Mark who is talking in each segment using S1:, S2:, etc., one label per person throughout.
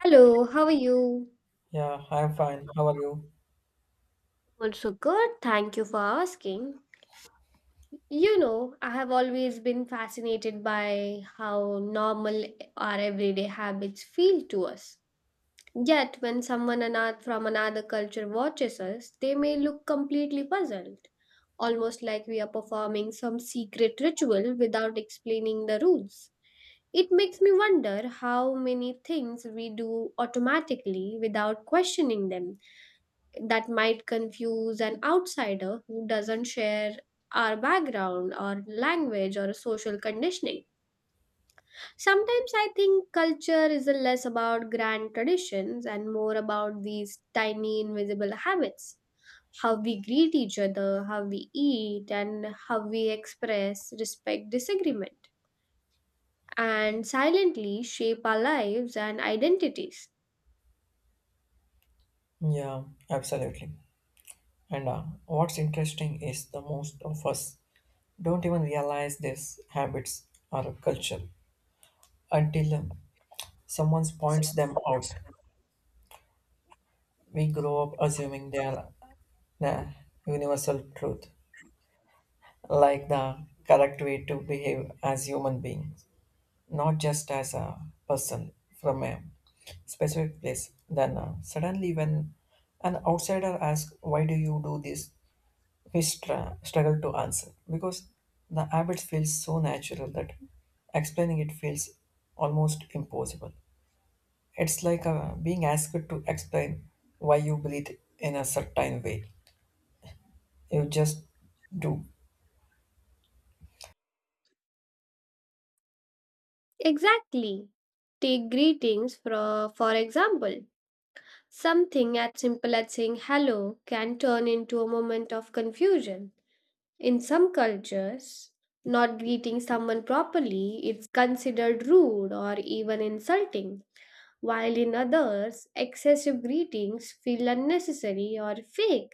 S1: Hello, how are you?
S2: Yeah, I'm fine. How are you?
S1: Also good. Thank you for asking. You know, I have always been fascinated by how normal our everyday habits feel to us. Yet, when someone from another culture watches us, they may look completely puzzled, almost like we are performing some secret ritual without explaining the rules. It makes me wonder how many things we do automatically without questioning them, that might confuse an outsider who doesn't share our background or language or social conditioning. Sometimes I think culture is less about grand traditions and more about these tiny invisible habits. How we greet each other, how we eat, and how we express respect disagreement, and silently shape our lives and identities.
S2: Yeah, absolutely. And What's interesting is the most of us don't even realize these habits are a culture until someone points them out. We grow up assuming they are the universal truth, like the correct way to behave as human beings, not just as a person from a specific place. Then Suddenly, when an outsider asks, "Why do you do this?" we struggle to answer because the habit feels so natural that explaining it feels almost impossible. It's like being asked to explain why you breathe in a certain way. You just do.
S1: Exactly. Take greetings for example. Something as simple as saying hello can turn into a moment of confusion. In some cultures, not greeting someone properly is considered rude or even insulting, while in others, excessive greetings feel unnecessary or fake.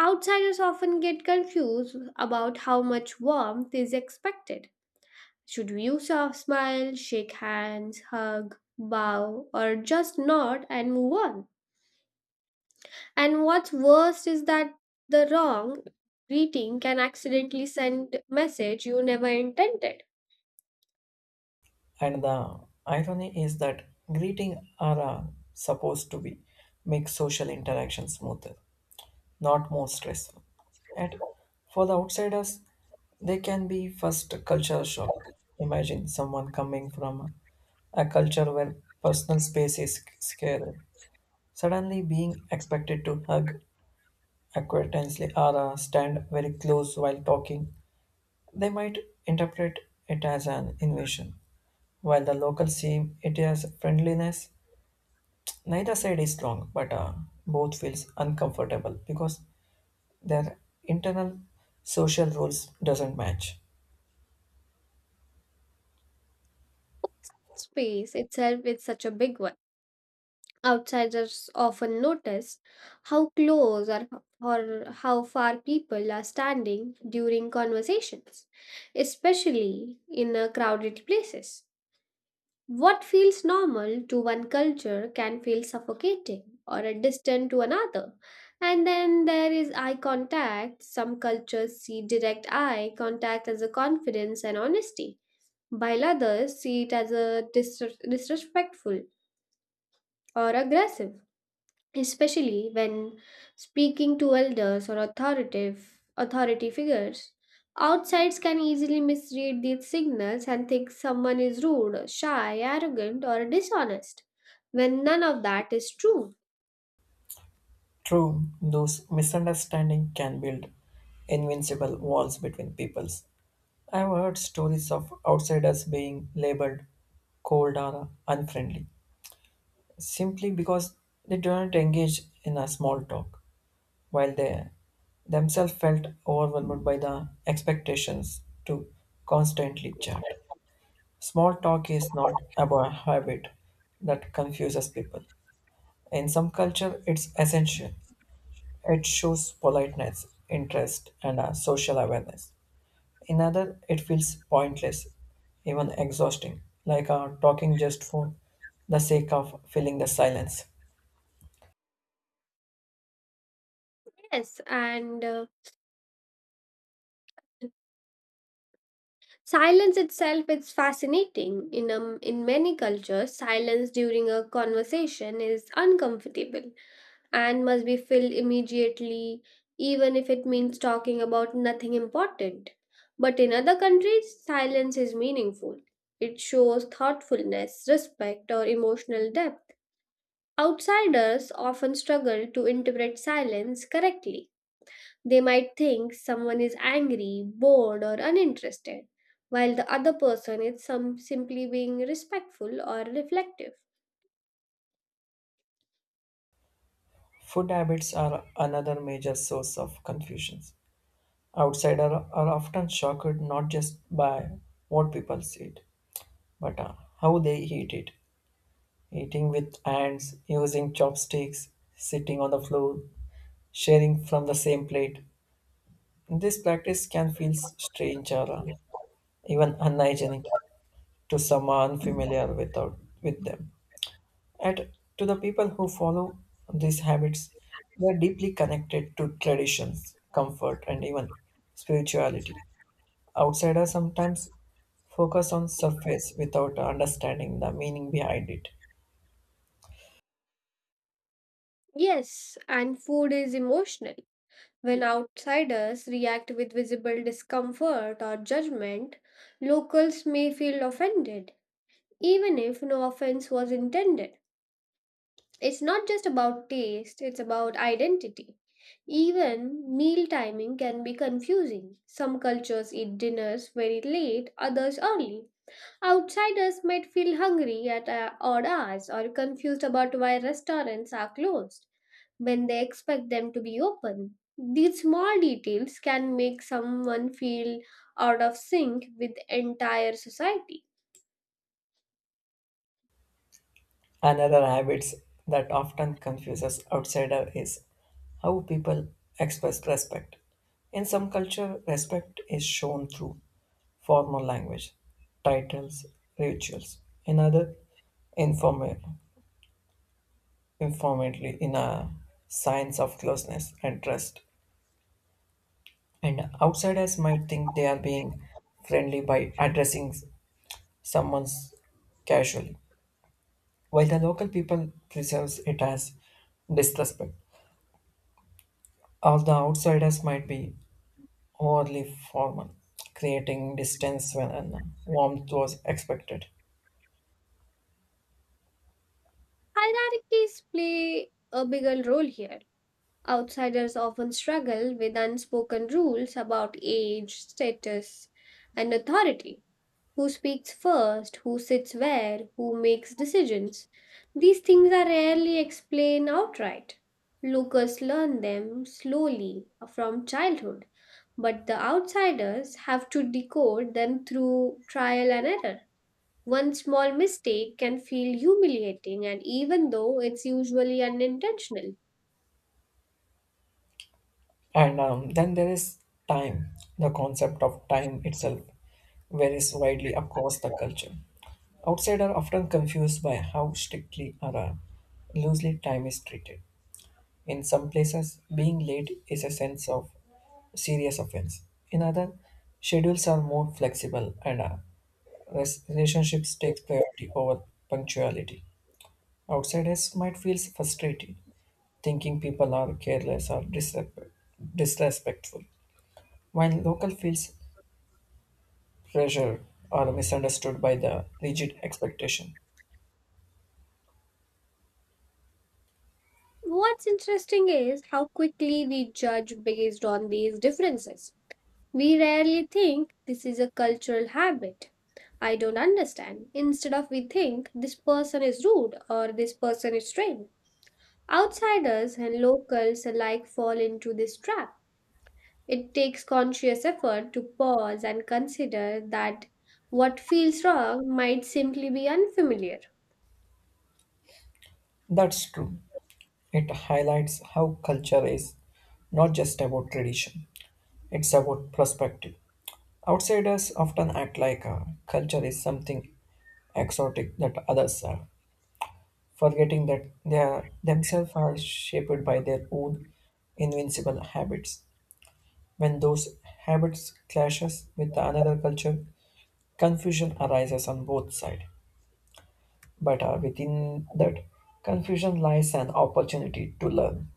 S1: Outsiders often get confused about how much warmth is expected. Should we use a smile, shake hands, hug, bow, or just nod and move on? And what's worst is that the wrong greeting can accidentally send message you never intended.
S2: And the irony is that greeting are supposed to be make social interaction smoother, not more stressful. And for the outsiders, they can be first a culture shock. Imagine someone coming from a culture where personal space is scarce. Suddenly being expected to hug acquaintancely or stand very close while talking, they might interpret it as an invasion. While the locals see it as friendliness, neither side is wrong, but both feels uncomfortable because their internal social roles doesn't match.
S1: Personal space itself is such a big one. Outsiders often notice how close or how far people are standing during conversations, especially in crowded places. What feels normal to one culture can feel suffocating or distant to another. And then there is eye contact. Some cultures see direct eye contact as a confidence and honesty, while others see it as a disrespectful or aggressive, especially when speaking to elders or authoritative authority figures. Outsides can easily misread these signals and think someone is rude, shy, arrogant, or dishonest, when none of that is true.
S2: True, those misunderstanding can build invincible walls between peoples. I've heard stories of outsiders being labeled cold or unfriendly simply because they don't engage in a small talk, while they themselves felt overwhelmed by the expectations to constantly chat. Small talk is not about habit that confuses people. In some culture, it's essential. It shows politeness, interest, and social awareness. In other, it feels pointless, even exhausting, like talking just for the sake of filling the silence.
S1: Yes, and silence itself is fascinating. In many cultures, silence during a conversation is uncomfortable and must be filled immediately, even if it means talking about nothing important. But in other countries, silence is meaningful. It shows thoughtfulness, respect, or emotional depth. Outsiders often struggle to interpret silence correctly. They might think someone is angry, bored, or uninterested, while the other person is some simply being respectful or reflective.
S2: Food habits are another major source of confusion. Outsiders are often shocked not just by what people eat, but how they eat it. Eating with hands, using chopsticks, sitting on the floor, sharing from the same plate. This practice can feel strange or even unhygienic to someone familiar without with them. And to the people who follow these habits, they are deeply connected to traditions, comfort, and even spirituality. Outsiders sometimes focus on surface without understanding the meaning behind it.
S1: Yes, and food is emotional. When outsiders react with visible discomfort or judgment, locals may feel offended, even if no offense was intended. It's not just about taste, it's about identity. Even meal timing can be confusing. Some cultures eat dinners very late, others early. Outsiders might feel hungry at odd hours or confused about why restaurants are closed when they expect them to be open. These small details can make someone feel out of sync with entire society.
S2: Another habits that often confuses outsider is how people express respect. In some culture, respect is shown through formal language, titles, rituals. In other, informal, informally in a signs of closeness and trust. And outsiders might think they are being friendly by addressing someone casually, while the local people perceives it as disrespect. As the outsiders might be overly formal, creating distance when warmth was expected.
S1: Hierarchies play a bigger role here. Outsiders often struggle with unspoken rules about age, status, and authority. Who speaks first, who sits where, who makes decisions. These things are rarely explained outright. Locals learn them slowly from childhood but the outsiders have to decode them through trial and error. One small mistake can feel humiliating, and even though it's usually unintentional.
S2: And then there is time. The concept of time itself varies widely across the culture. Outsiders are often confused by how strictly or loosely time is treated. In some places, being late is a sense of serious offense. In other, schedules are more flexible and relationships takes priority over punctuality. Outsiders might feel frustrated, thinking people are careless or disrespectful, while local feels pressured or misunderstood by the rigid expectation.
S1: What's interesting is how quickly we judge based on these differences. We rarely think this is a cultural habit. I don't understand. Instead of we think this person is rude or this person is strange. Outsiders and locals alike fall into this trap. It takes conscious effort to pause and consider that what feels wrong might simply be unfamiliar.
S2: That's true. It highlights how culture is not just about tradition, it's about perspective. Outsiders often act like a culture is something exotic that others are, forgetting that they are, themselves are shaped by their own invincible habits. When those habits clashes with another culture, confusion arises on both sides. But within that confusion lies an opportunity to learn,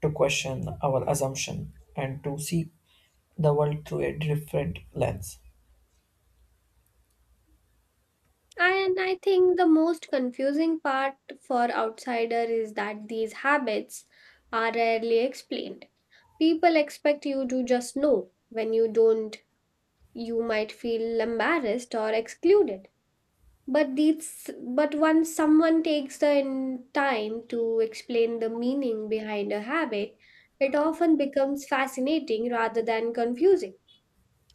S2: to question our assumption, and to see the world through a different lens.
S1: And I think the most confusing part for outsider is that these habits are rarely explained. People expect you to just know. When you don't, you might feel embarrassed or excluded, but these but once someone takes the time to explain the meaning behind a habit, it often becomes fascinating rather than confusing.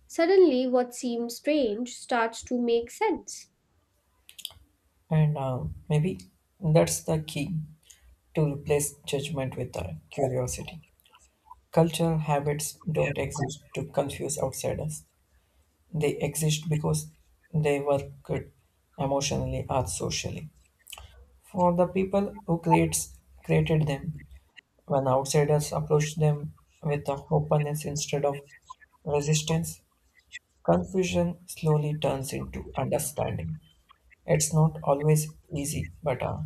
S1: Suddenly what seems strange starts to make sense.
S2: And maybe that's the key to replace judgment with curiosity. Cultural habits don't exist to confuse outsiders. They exist because they were good emotionally or socially. For the people who creates created them, when outsiders approach them with a openness instead of resistance, confusion slowly turns into understanding. It's not always easy, but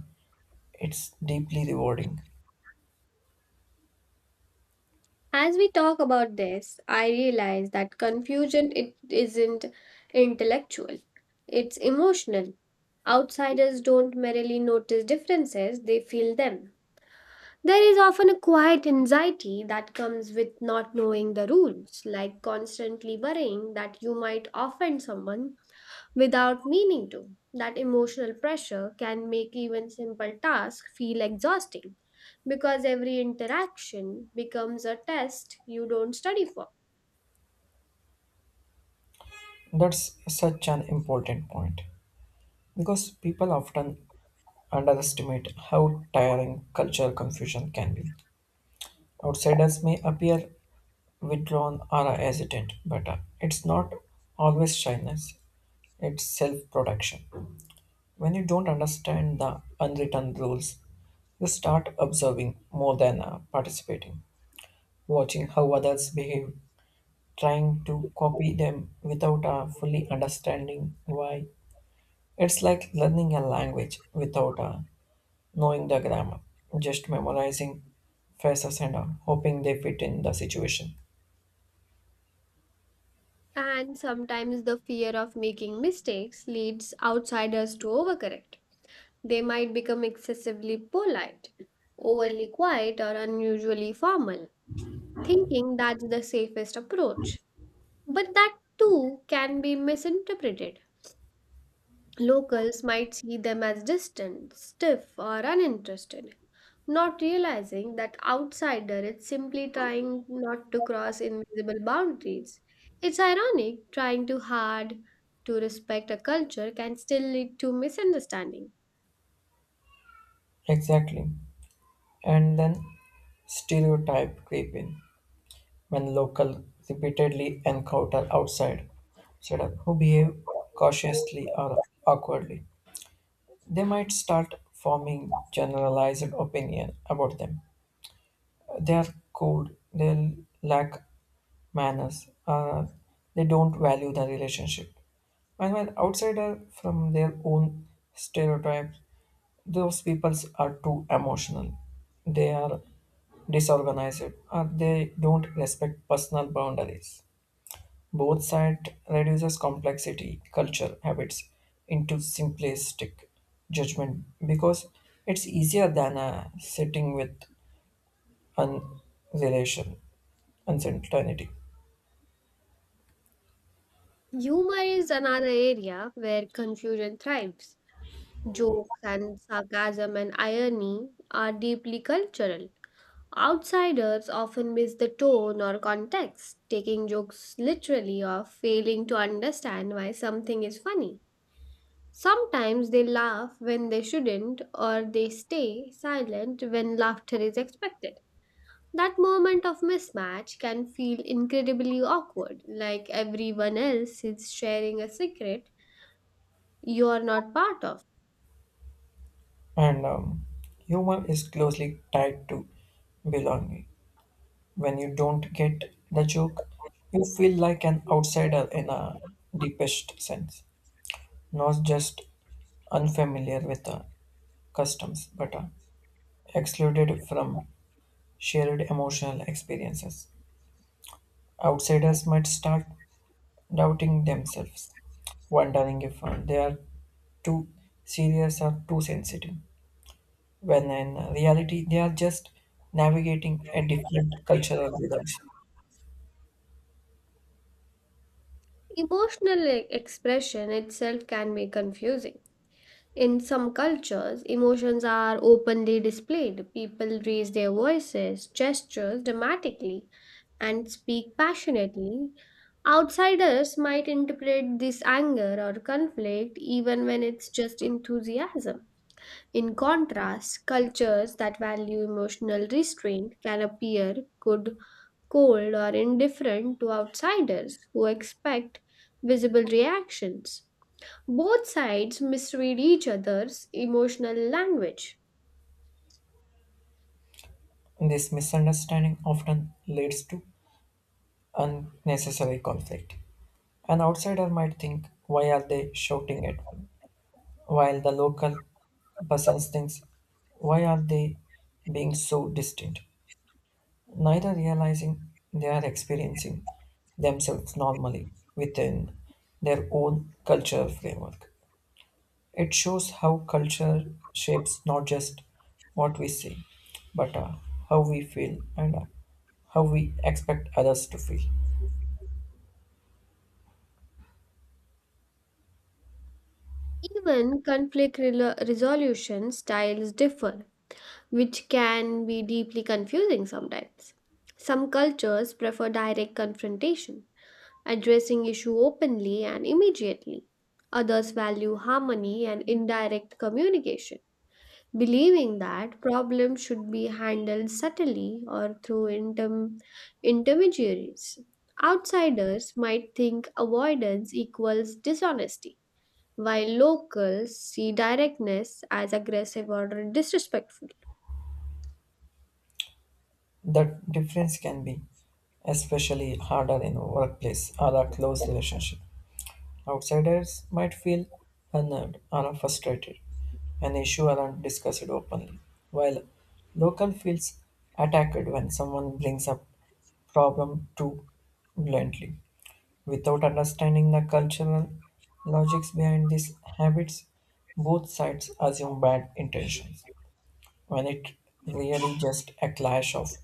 S2: it's deeply rewarding.
S1: As we talk about this, I realize that confusion it isn't intellectual, it's emotional. Outsiders don't merely notice differences, they feel them. There is often a quiet anxiety that comes with not knowing the rules, like constantly worrying that you might offend someone without meaning to. That emotional pressure can make even simple tasks feel exhausting because every interaction becomes a test you don't study for.
S2: That's such an important point because people often underestimate how tiring cultural confusion can be. Outsiders may appear withdrawn or hesitant, but it's not always shyness, it's self protection. When you don't understand the unwritten rules, you start observing more than participating, watching how others behave, trying to copy them without fully understanding why. It's like learning a language without knowing the grammar, just memorizing phrases and hoping they fit in the situation.
S1: And sometimes the fear of making mistakes leads outsiders to overcorrect. They might become excessively polite, overly quiet, or unusually formal, thinking that's the safest approach. But that too can be misinterpreted. Locals might see them as distant, stiff, or uninterested, not realizing that outsider is simply trying not to cross invisible boundaries. It's ironic, trying too hard to respect a culture can still lead to misunderstanding.
S2: Exactly. And then stereotype creep in when local repeatedly encounter outside setup who behave cautiously or awkwardly. They might start forming generalized opinion about them. They are cold. They lack manners. They don't value the relationship. And when outsider from their own stereotypes, those peoples are too emotional. They are disorganized. Or they don't respect personal boundaries. Both side reduces complexity, culture, habits into simplistic judgment because it's easier than sitting with uncertainty, uncertainty.
S1: Humor is another area where confusion thrives. Jokes and sarcasm and irony are deeply cultural. Outsiders often miss the tone or context, taking jokes literally or failing to understand why something is funny. Sometimes they laugh when they shouldn't, or they stay silent when laughter is expected. That moment of mismatch can feel incredibly awkward, like everyone else is sharing a secret you are not part of.
S2: And humor is closely tied to belonging. When you don't get the joke, you feel like an outsider in a deepest sense, not just unfamiliar with the customs, but excluded from shared emotional experiences. Outsiders might start doubting themselves, wondering if they are too serious or too sensitive. When in reality, they are just navigating a different cultural rhythms.
S1: Emotional expression itself can be confusing. In some cultures, emotions are openly displayed. People raise their voices, gestures dramatically, and speak passionately. Outsiders might interpret this anger or conflict even when it's just enthusiasm. In contrast, cultures that value emotional restraint can appear good, cold, or indifferent to outsiders who expect visible reactions. Both sides misread each other's emotional language.
S2: This misunderstanding often leads to unnecessary conflict. An outsider might think, why are they shouting at me? While the local person thinks, why are they being so distant? Neither realizing they are experiencing themselves normally within their own cultural framework. It shows how culture shapes not just what we say, but how we feel and how we expect others to feel.
S1: Even conflict resolution styles differ, which can be deeply confusing sometimes. Some cultures prefer direct confrontation, addressing issue openly and immediately. Others value harmony and indirect communication, believing that problems should be handled subtly or through intermediaries. Outsiders might think avoidance equals dishonesty, while locals see directness as aggressive or disrespectful.
S2: That difference can be especially harder in workplace or a close relationship. Outsiders might feel unnerved or frustrated, an issue aren't discussed openly, while local feels attacked when someone brings up problem too bluntly. Without understanding the cultural logics behind these habits, both sides assume bad intentions when it really just a clash of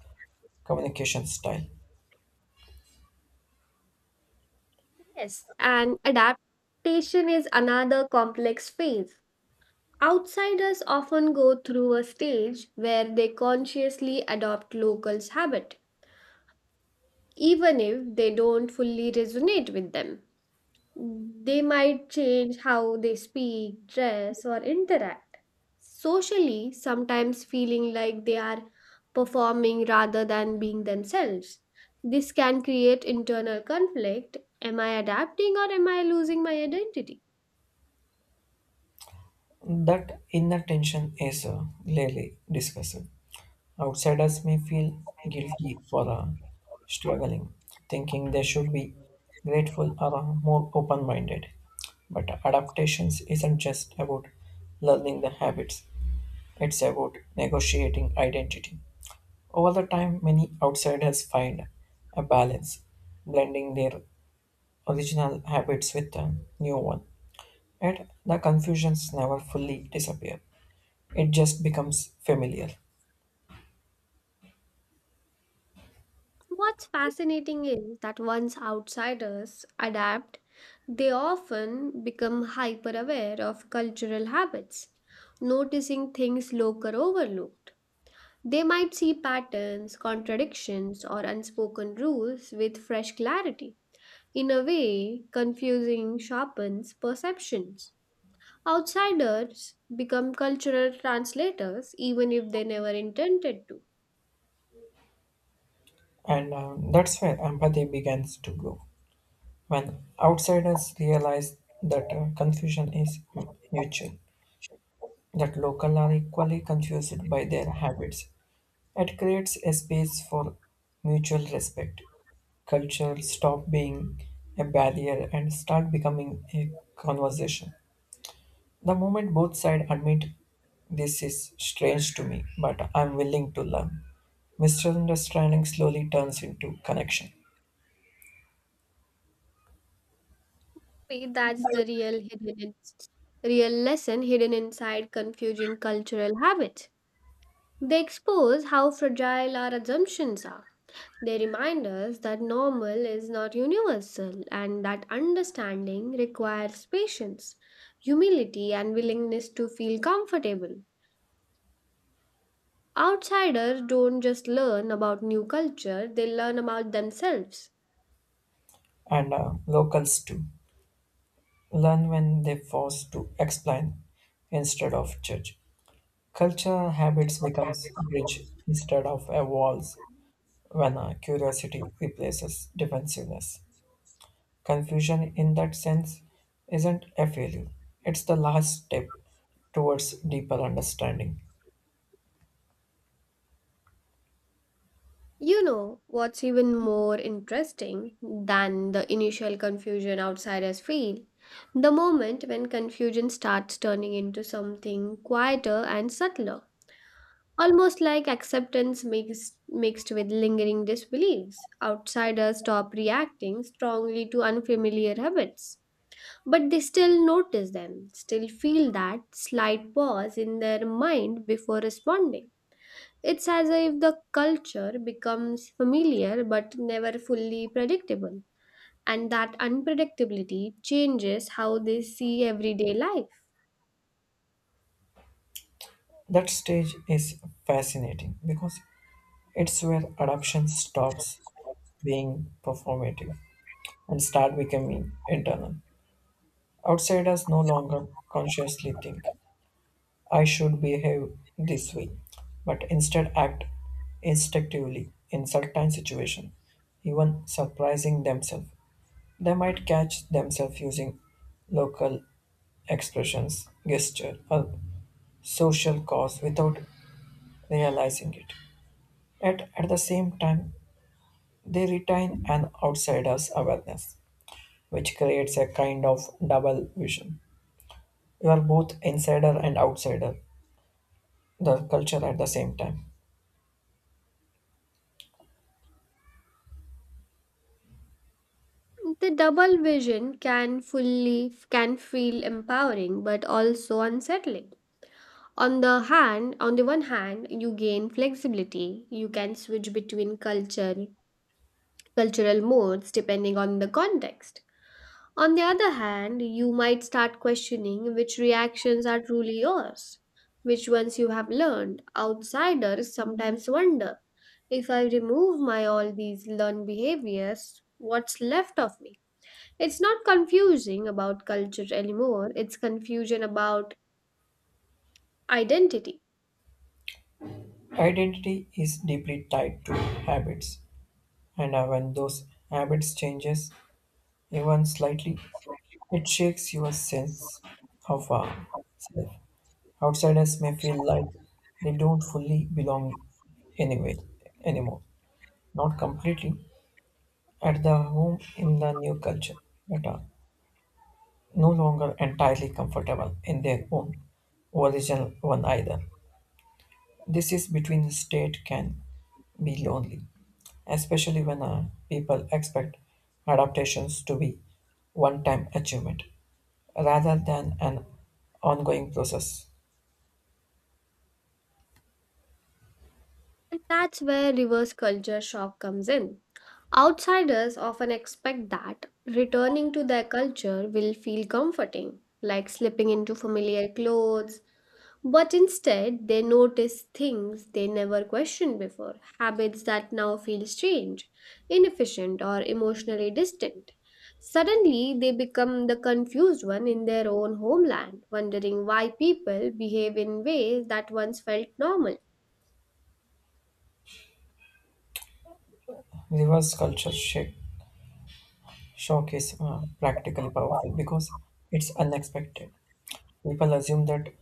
S2: communication style.
S1: Yes, and adaptation is another complex phase. Outsiders often go through a stage where they consciously adopt locals' habit, even if they don't fully resonate with them. They might change how they speak, dress, or interact. Socially, sometimes feeling like they are performing rather than being themselves. This can create internal conflict. Am I adapting or am I losing my identity?
S2: That inner tension is rarely discussed. Outsiders may feel guilty for struggling, thinking they should be grateful or more open minded. But adaptations isn't just about learning the habits, it's about negotiating identity. Over the time, many outsiders find a balance, blending their original habits with a new one. Yet the confusions never fully disappear. It just becomes familiar.
S1: What's fascinating is that once outsiders adapt, they often become hyper aware of cultural habits, noticing things local overlooked. They might see patterns, contradictions, or unspoken rules with fresh clarity. In a way, confusing sharpens perceptions. Outsiders become cultural translators even if they never intended to.
S2: And That's where empathy begins to grow. When outsiders realize that confusion is mutual, that local are equally confused by their habits, it creates a space for mutual respect. Culture stop being a barrier and start becoming a conversation. The moment both sides admit this is strange to me, but I'm willing to learn, misunderstanding slowly turns into connection.
S1: Maybe That's the real hidden in- real lesson hidden inside confusing cultural habits. They expose how fragile our assumptions are. They remind us that normal is not universal and that understanding requires patience, humility, and willingness to feel comfortable. Outsiders don't just learn about new culture, they learn about themselves.
S2: And locals too learn when they force to explain instead of judge. Culture habits becomes rich instead of a walls, when curiosity replaces defensiveness. Confusion, in that sense, isn't a failure, it's the last step towards deeper understanding.
S1: You know, what's even more interesting than the initial confusion outsiders feel? The moment when confusion starts turning into something quieter and subtler. Almost like acceptance mixed with lingering disbeliefs. Outsiders stop reacting strongly to unfamiliar habits, but they still notice them, still feel that slight pause in their mind before responding. It's as if the culture becomes familiar but never fully predictable, and that unpredictability changes how they see everyday life.
S2: That stage is fascinating because it's where adoption stops being performative and start becoming internal. Outsiders no longer consciously think I should behave this way, but instead act instinctively in certain situations, even surprising themselves. They might catch themselves using local expressions, gesture, or social cause without realizing it. Yet at the same time, they retain an outsider's awareness, which creates a kind of double vision. You are both insider and outsider, the culture at the same time.
S1: The double vision can fully can feel empowering but also unsettling. On the one hand, you gain flexibility. You can switch between cultural modes depending on the context. On the other hand, you might start questioning which reactions are truly yours, which ones you have learned. Outsiders sometimes wonder, if I remove my all these learned behaviors, what's left of me? It's not confusing about culture anymore, it's confusion about identity.
S2: Identity is deeply tied to habits, and when those habits changes even slightly, it shakes your sense of self. Outsiders may feel like they don't fully belong anyway anymore, not completely at the home in the new culture, but are no longer entirely comfortable in their own original one either. This is between state can be lonely, especially when people expect adaptations to be one-time achievement rather than an ongoing process.
S1: And that's where reverse culture shock comes in. Outsiders often expect that returning to their culture will feel comforting, like slipping into familiar clothes, but instead, they notice things they never questioned before, habits that now feel strange, inefficient, or emotionally distant. Suddenly, they become the confused one in their own homeland, wondering why people behave in ways that once felt normal.
S2: Reverse culture shock is practically powerful because it's unexpected. People assume that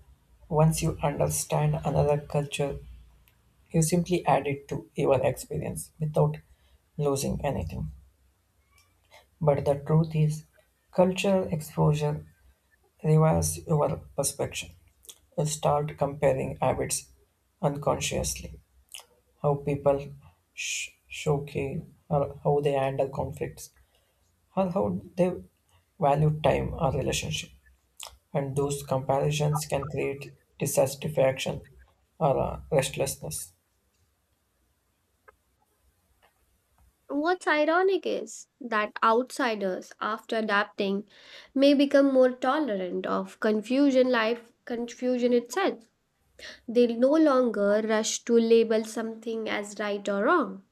S2: once you understand another culture, you simply add it to your experience without losing anything. But the truth is, cultural exposure revives your perception. Start comparing habits unconsciously. How people showcase, or how they handle conflicts, or how they value time or relationship. And those comparisons can create dissatisfaction or restlessness.
S1: What's ironic is that outsiders, after adapting, may become more tolerant of confusion itself. They no longer rush to label something as right or wrong.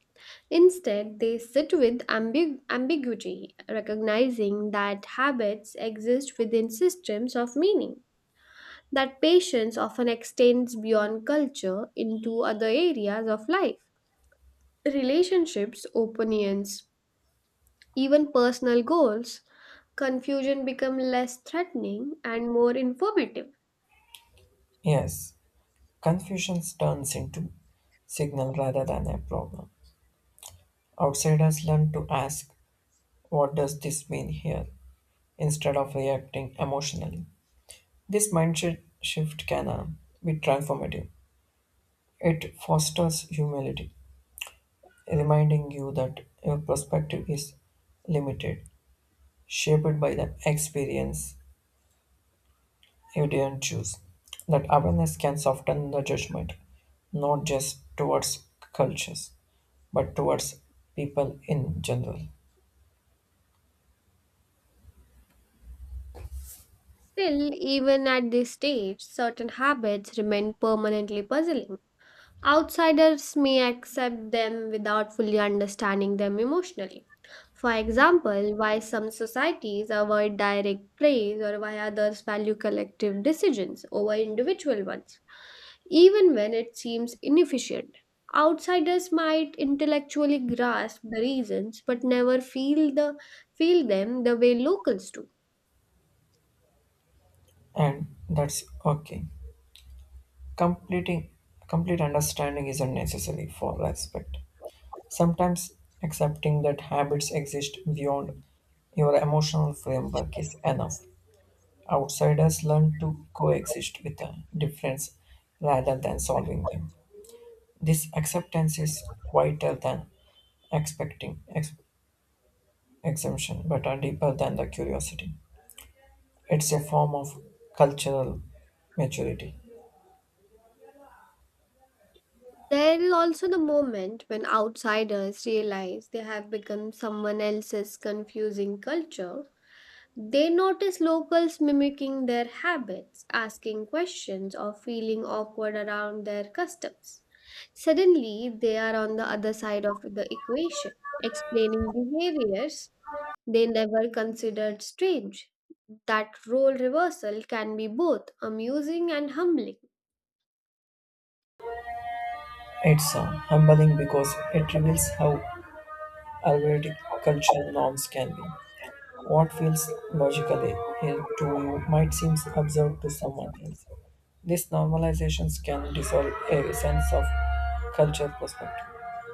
S1: Instead, they sit with ambiguity, recognizing that habits exist within systems of meaning, that patience often extends beyond culture into other areas of life. Relationships, opinions, even personal goals, confusion become less threatening and more informative.
S2: Yes, confusion turns into signal rather than a problem. Outsiders learn to ask, what does this mean here, instead of reacting emotionally. This mindset shift can be transformative. It fosters humility, reminding you that your perspective is limited, shaped by the experience you didn't choose. That awareness can soften the judgment, not just towards cultures, but towards people in general.
S1: Still, even at this stage, certain habits remain permanently puzzling. Outsiders may accept them without fully understanding them emotionally. For example, why some societies avoid direct praise or why others value collective decisions over individual ones, even when it seems inefficient. Outsiders might intellectually grasp the reasons but never feel them the way locals do.
S2: And that's okay. Completing Complete understanding isn't necessary for respect. Sometimes accepting that habits exist beyond your emotional framework is enough. Outsiders learn to coexist with the difference rather than solving them. This acceptance is quieter than expecting exemption, but are deeper than the curiosity. It's a form of cultural maturity.
S1: There is also the moment when outsiders realize they have become someone else's confusing culture, they notice locals mimicking their habits, asking questions, or feeling awkward around their customs. Suddenly, they are on the other side of the equation, explaining behaviors they never considered strange. That role reversal can be both amusing and humbling.
S2: It's humbling because it reveals how arbitrary cultural norms can be. What feels logically to you might seem absurd to someone else. These normalizations can dissolve a sense of culture perspective,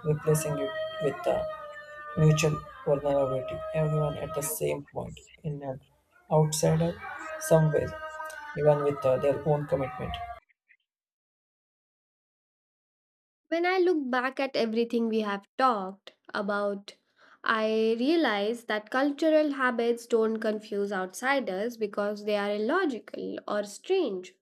S2: replacing it with the mutual vulnerability. Everyone at the same point, in an outsider, somewhere, even with their own commitment.
S1: When I look back at everything we have talked about, I realize that cultural habits don't confuse outsiders because they are illogical or strange,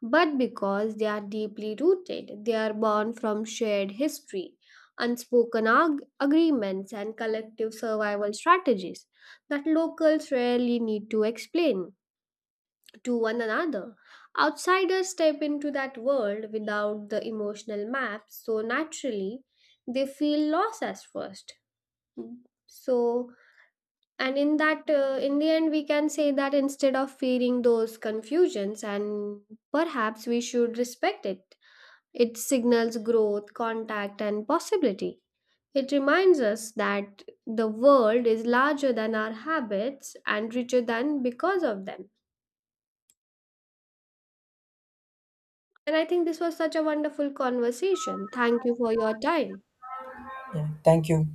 S1: but because they are deeply rooted. They are born from shared history, unspoken agreements, and collective survival strategies that locals rarely need to explain to one another. Outsiders step into that world without the emotional map, so naturally they feel lost at first. So, and in that, in the end, we can say that instead of fearing those confusions, and perhaps we should respect it. It signals growth, contact, and possibility. It reminds us that the world is larger than our habits and richer than because of them. And I think this was such a wonderful conversation. Thank you for your time.
S2: Yeah. Thank you.